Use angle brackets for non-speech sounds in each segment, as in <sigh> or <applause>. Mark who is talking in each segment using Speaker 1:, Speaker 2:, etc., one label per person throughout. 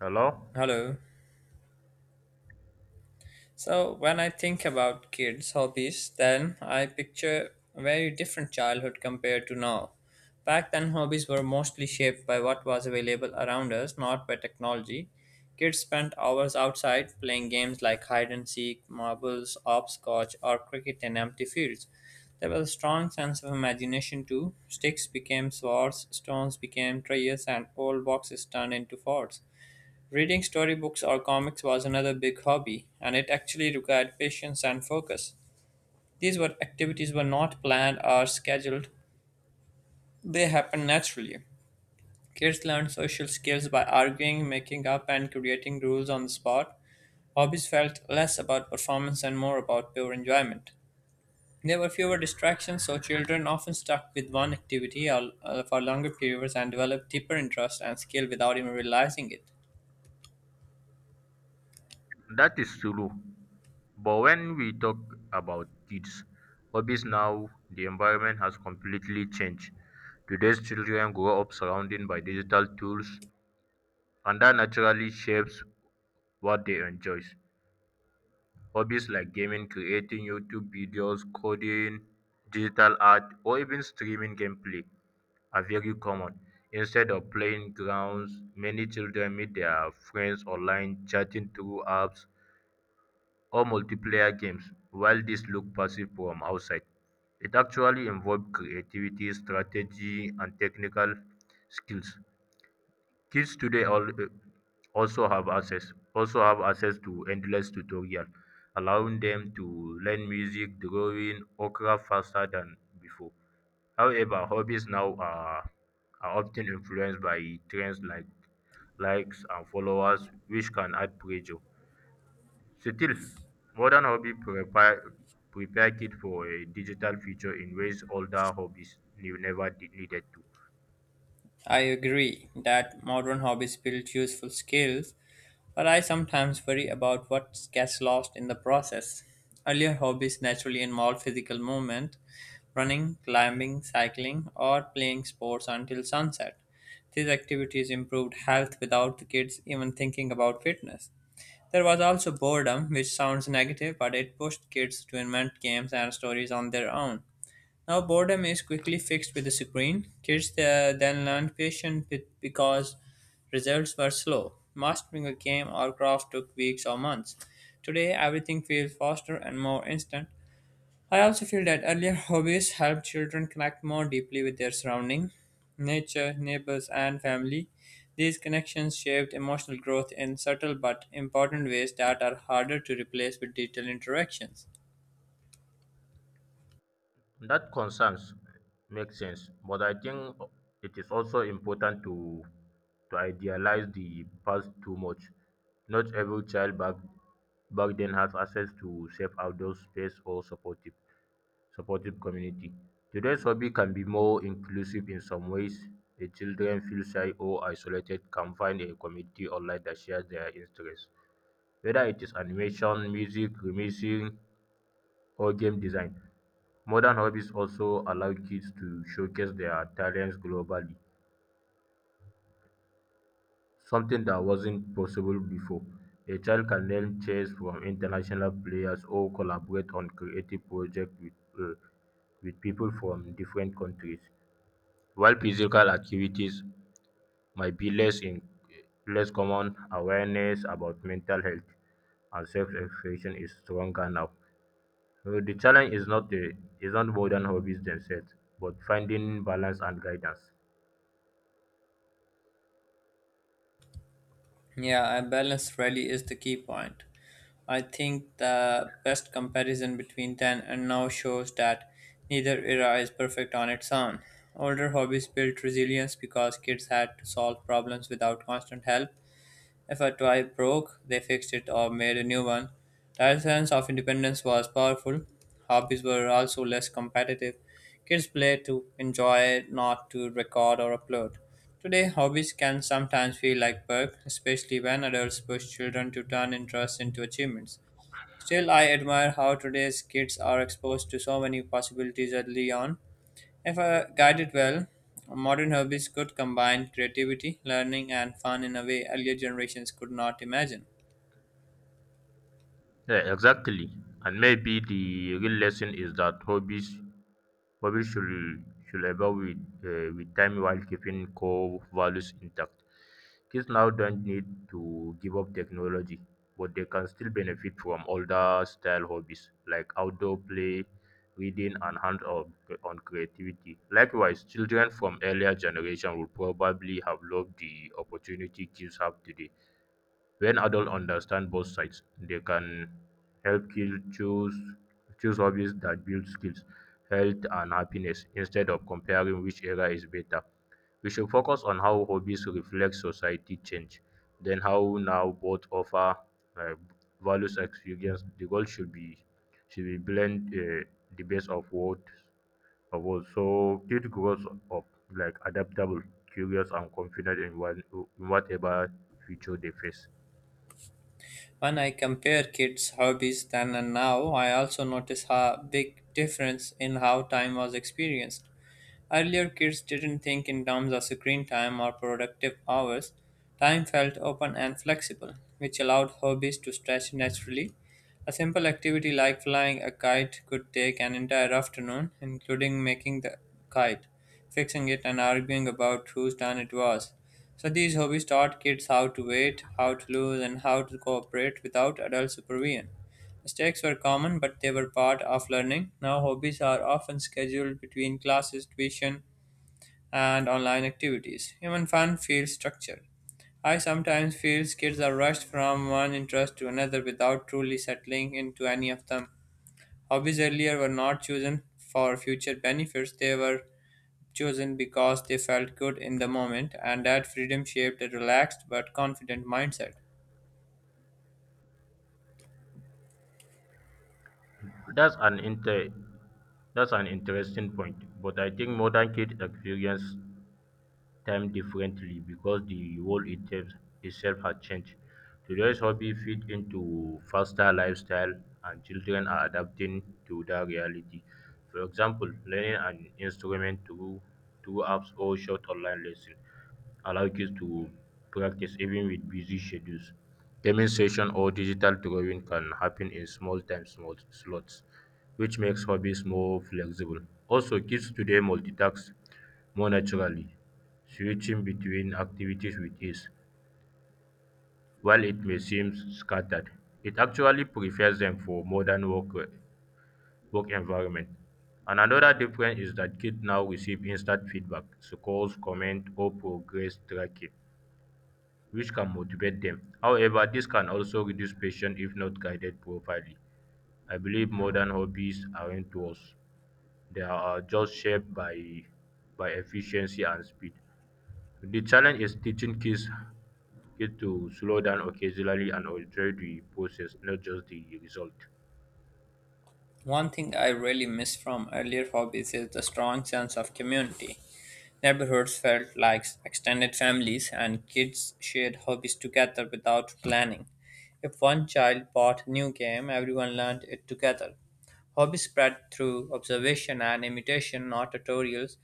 Speaker 1: Hello?
Speaker 2: Hello. So when I think about kids' hobbies, then I picture a very different childhood compared to now. Back then, hobbies were mostly shaped by what was available around us, not by technology. Kids spent hours outside playing games like hide and seek, marbles, hopscotch, or cricket in empty fields. There was a strong sense of imagination too. Sticks became swords, stones became trees, and old boxes turned into forts. Reading storybooks or comics was another big hobby, and it actually required patience and focus. These were activities were not planned or scheduled. They happened naturally. Kids learned social skills by arguing, making up and creating rules on the spot. Hobbies felt less about performance and more about pure enjoyment. There were fewer distractions, so children often stuck with one activity for longer periods and developed deeper interest and skill without even realizing it.
Speaker 1: That is true. But when we talk about kids, hobbies now, the environment has completely changed. Today's children grow up surrounded by digital tools, and that naturally shapes what they enjoy. Hobbies like gaming, creating YouTube videos, coding, digital art, or even streaming gameplay are very common. Instead of playing grounds, many children meet their friends online, chatting through apps, or multiplayer games. While this look passive from outside, it actually involves creativity, strategy, and technical skills. Kids today all, also have access to endless tutorial, allowing them to learn music, drawing, or craft faster than before. However, are often influenced by trends like likes and followers, which can add pressure. Still, modern hobbies prepare, prepare kids for a digital future in ways older hobbies never needed to.
Speaker 2: I agree that modern hobbies build useful skills, but I sometimes worry about what gets lost in the process. Earlier hobbies naturally involved physical movement, running, climbing, cycling, or playing sports until sunset. These activities improved health without the kids even thinking about fitness. There was also boredom, which sounds negative, but it pushed kids to invent games and stories on their own. Now, boredom is quickly fixed with the screen. Kids then learned patience because results were slow. Mastering a game or craft took weeks or months. Today, everything feels faster and more instant. I also feel that earlier <laughs> hobbies help children connect more deeply with their surrounding, nature, neighbors, and family. These connections shaped emotional growth in subtle but important ways that are harder to replace with digital interactions.
Speaker 1: That concerns makes sense, but I think it is also important to idealize the past too much. Not every child back then has access to safe outdoor space or supportive community. Today's hobby can be more inclusive in some ways. The children feel shy or isolated can find a community online that shares their interests. Whether it is animation, music, remixing, or game design, modern hobbies also allow kids to showcase their talents globally, something that wasn't possible before. A child can learn chess from international players or collaborate on creative projects uh, with people from different countries. While physical activities might be less in less common, awareness about mental health and self-expression is stronger now. So the challenge is not the is not modern hobbies themselves, but finding balance and guidance.
Speaker 2: Yeah, and balance really is the key point. I think the best comparison between then and now shows that neither era is perfect on its own. Older hobbies built resilience because kids had to solve problems without constant help. If a toy broke, they fixed it or made a new one. That sense of independence was powerful. Hobbies were also less competitive. Kids play to enjoy, not to record or upload. Today, hobbies can sometimes feel like work, especially when adults push children to turn interests into achievements. Still, I admire how today's kids are exposed to so many possibilities early on. If guided well, modern hobbies could combine creativity, learning, and fun in a way earlier generations could not imagine.
Speaker 1: Yeah, exactly. And maybe the real lesson is that Hobbies should, should evolve with time while keeping core values intact. Kids now don't need to give up technology, but they can still benefit from older style hobbies like outdoor play, reading, and hands on creativity. Likewise, children from earlier generation will probably have loved the opportunity kids have today. When adults understand both sides, they can help kids choose hobbies that build skills, health, and happiness instead of comparing which era is better. We should focus on how hobbies reflect society change, then how now both offer uh, values experience. The goal should be blend the best of what. So kid grows up like adaptable, curious, and confident in whatever future they face.
Speaker 2: When I compare kids' hobbies then and now, I also notice a big difference in how time was experienced. Earlier, kids didn't think in terms of screen time or productive hours. Time felt open and flexible, which allowed hobbies to stretch naturally. A simple activity like flying a kite could take an entire afternoon, including making the kite, fixing it, and arguing about whose turn it was. So, these hobbies taught kids how to wait, how to lose, and how to cooperate without adult supervision. Mistakes were common, but they were part of learning. Now, hobbies are often scheduled between classes, tuition, and online activities. Even fun feels structured. I sometimes feel kids are rushed from one interest to another without truly settling into any of them. Hobbies earlier were not chosen for future benefits, they were chosen because they felt good in the moment, and that freedom shaped a relaxed but confident mindset.
Speaker 1: That's an inter that's an interesting point, but I think modern kids experience time differently because the world itself has changed. Today's hobby fit into faster lifestyle and children are adapting to that reality. For example, learning an instrument through apps or short online lessons allow kids to practice even with busy schedules. Gaming session or digital drawing can happen in small slots, which makes hobbies more flexible. Also, kids today multitask more naturally, switching between activities with ease. While it may seem scattered, it actually prepares them for work environment. And another difference is that kids now receive instant feedback, scores, comment, or progress tracking, which can motivate them. However, this can also reduce patience if not guided properly. I believe modern hobbies aren't worse; they are just shaped by efficiency and speed. The challenge is teaching kids to slow down occasionally and enjoy the process, not just the result.
Speaker 2: One thing I really miss from earlier hobbies is the strong sense of community. Neighborhoods felt like extended families, and kids shared hobbies together without planning. If one child bought a new game, everyone learned it together. Hobbies spread through observation and imitation, not tutorials,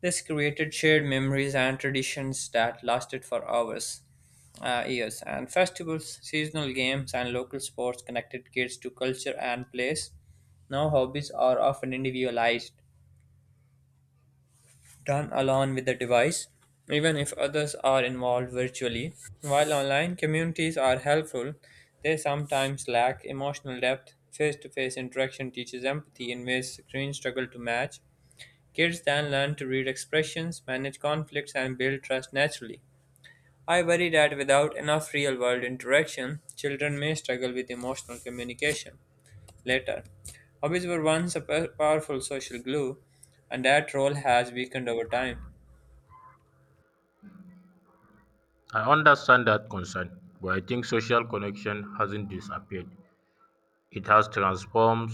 Speaker 2: this created shared memories and traditions that lasted for years. And festivals, seasonal games, and local sports connected kids to culture and place. Now, hobbies are often individualized, done along with the device, even if others are involved virtually. While online communities are helpful, they sometimes lack emotional depth. Face to face interaction teaches empathy in ways screens struggle to match. Kids then learn to read expressions, manage conflicts, and build trust naturally. I worry that without enough real world interaction, children may struggle with emotional communication later. Hobbies were once a powerful social glue, and that role has weakened over time.
Speaker 1: I understand that concern, but I think social connection hasn't disappeared. It has transformed.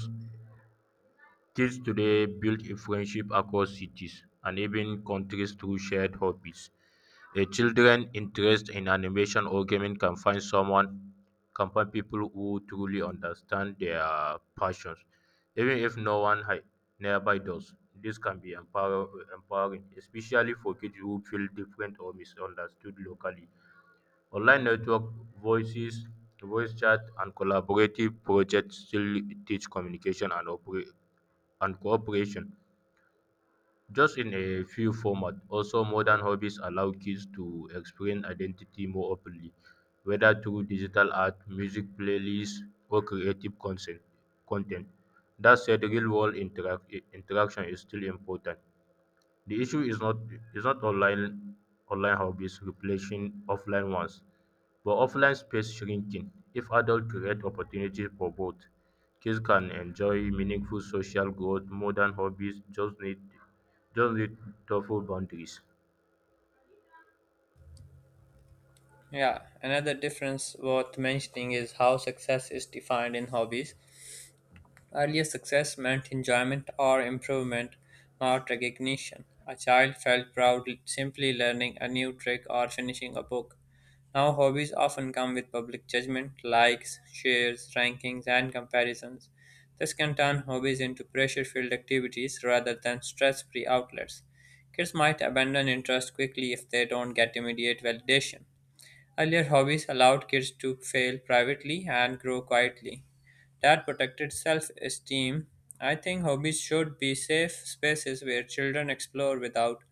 Speaker 1: Kids today build a friendship across cities and even countries through shared hobbies. A children's interest in animation or gaming can find people who truly understand their passions, even if no one nearby does. This can be empowering, especially for kids who feel different or misunderstood locally. Online voices, voice chat, and collaborative projects still teach communication and cooperation, just in a few formats. Also, modern hobbies allow kids to explain identity more openly, whether through digital art, music playlists, or content. That said, real world interaction is still important. The issue is not online hobbies replacing offline ones, but offline space shrinking. If adults create opportunities for both, kids can enjoy meaningful social growth. Modern hobbies just need tougher boundaries.
Speaker 2: Yeah, another difference worth mentioning is how success is defined in hobbies. Earlier success meant enjoyment or improvement, not recognition. A child felt proud simply learning a new trick or finishing a book. Now, hobbies often come with public judgment, likes, shares, rankings, and comparisons. This can turn hobbies into pressure filled activities rather than stress free outlets. Kids might abandon interest quickly if they don't get immediate validation. Earlier hobbies allowed kids to fail privately and grow quietly. That protected self esteem. I think hobbies should be safe spaces where children explore without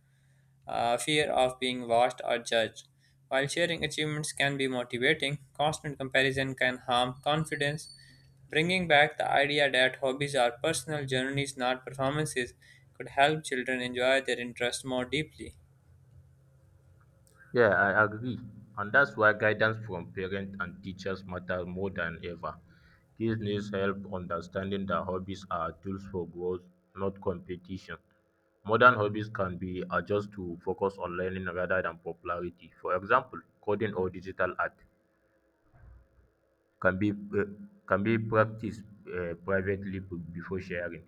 Speaker 2: fear of being watched or judged. While sharing achievements can be motivating, constant comparison can harm confidence. Bringing back the idea that hobbies are personal journeys, not performances, could help children enjoy their interests more deeply.
Speaker 1: Yeah, I agree. And that's why guidance from parents and teachers matter more than ever. Kids need help understanding that hobbies are tools for growth, not competition. Modern hobbies can be adjusted to focus on learning rather than popularity. For example, coding or digital art can be uh, can be practiced privately before sharing.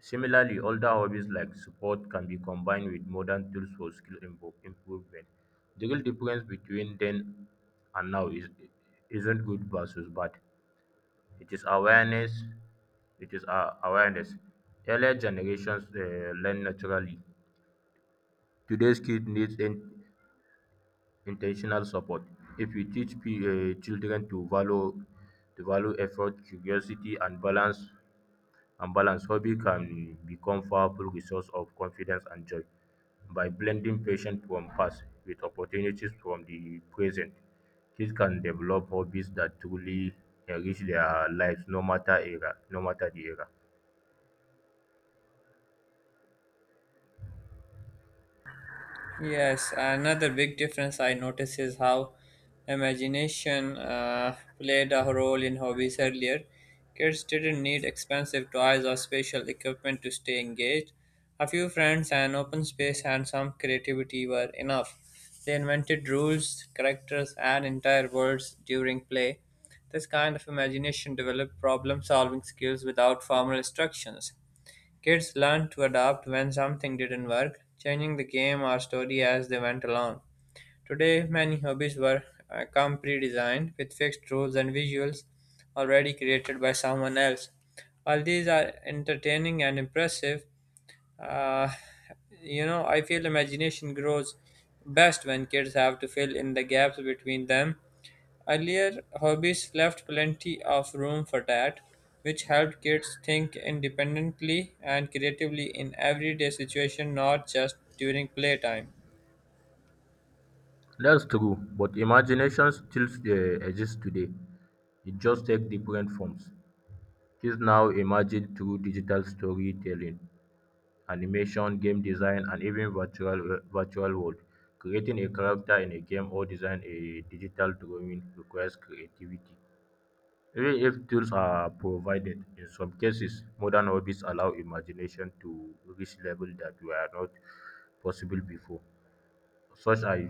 Speaker 1: Similarly, older hobbies like sport can be combined with modern tools for skill improvement. The real difference between then and now is isn't good versus bad. It is awareness. It is uh, awareness. Earlier generations learn naturally. Today's kid needs intentional support. If we teach children to value effort, curiosity, and balance, hobby can become powerful resource of confidence and joy. By blending passion from past with opportunities from the present, kids can develop hobbies that truly enrich their lives no matter the era.
Speaker 2: Yes, another big difference I notice is how imagination played a role in hobbies earlier. Kids didn't need expensive toys or special equipment to stay engaged. A few friends, an open space, and some creativity were enough. They invented rules, characters, and entire worlds during play. This kind of imagination developed problem solving skills without formal instructions. Kids learned to adapt when something didn't work, changing the game or story as they went along. Today, many hobbies were come pre-designed with fixed rules and visuals already created by someone else. While these are entertaining and impressive, uh, I feel imagination grows best when kids have to fill in the gaps between them. Earlier, hobbies left plenty of room for that, which helped kids think independently and creatively in everyday situation, not just during playtime.
Speaker 1: That's true, but imagination still exists today. It just takes different forms. Kids now imagine through digital storytelling, animation, game design, and even virtual world. Creating a character in a game or design a digital drawing requires creativity, even if tools are provided. In some cases, modern hobbies allow imagination to reach levels that were not possible before, such as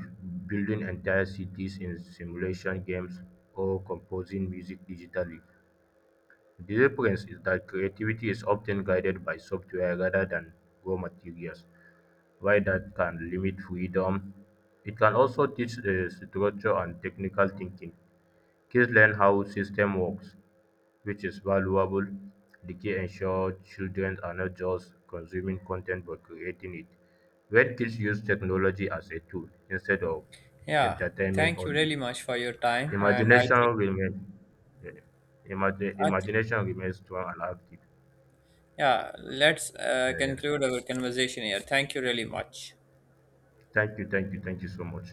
Speaker 1: building entire cities in simulation games or composing music digitally. The difference is that creativity is often guided by software rather than raw materials. While that can limit freedom, it can also teach structure and technical thinking. Kids learn how system works, which is valuable. The key ensure children are not just consuming content but creating it. When kids use technology as a tool instead of
Speaker 2: Yeah,
Speaker 1: entertainment
Speaker 2: thank you
Speaker 1: only,
Speaker 2: really much for your time, and I think,
Speaker 1: imagination remains
Speaker 2: I thi-
Speaker 1: imagination remains strong and active.
Speaker 2: yeah, let's
Speaker 1: Uh, yeah.
Speaker 2: conclude our conversation here. Thank you really much.
Speaker 1: Thank you, thank you, thank you so much.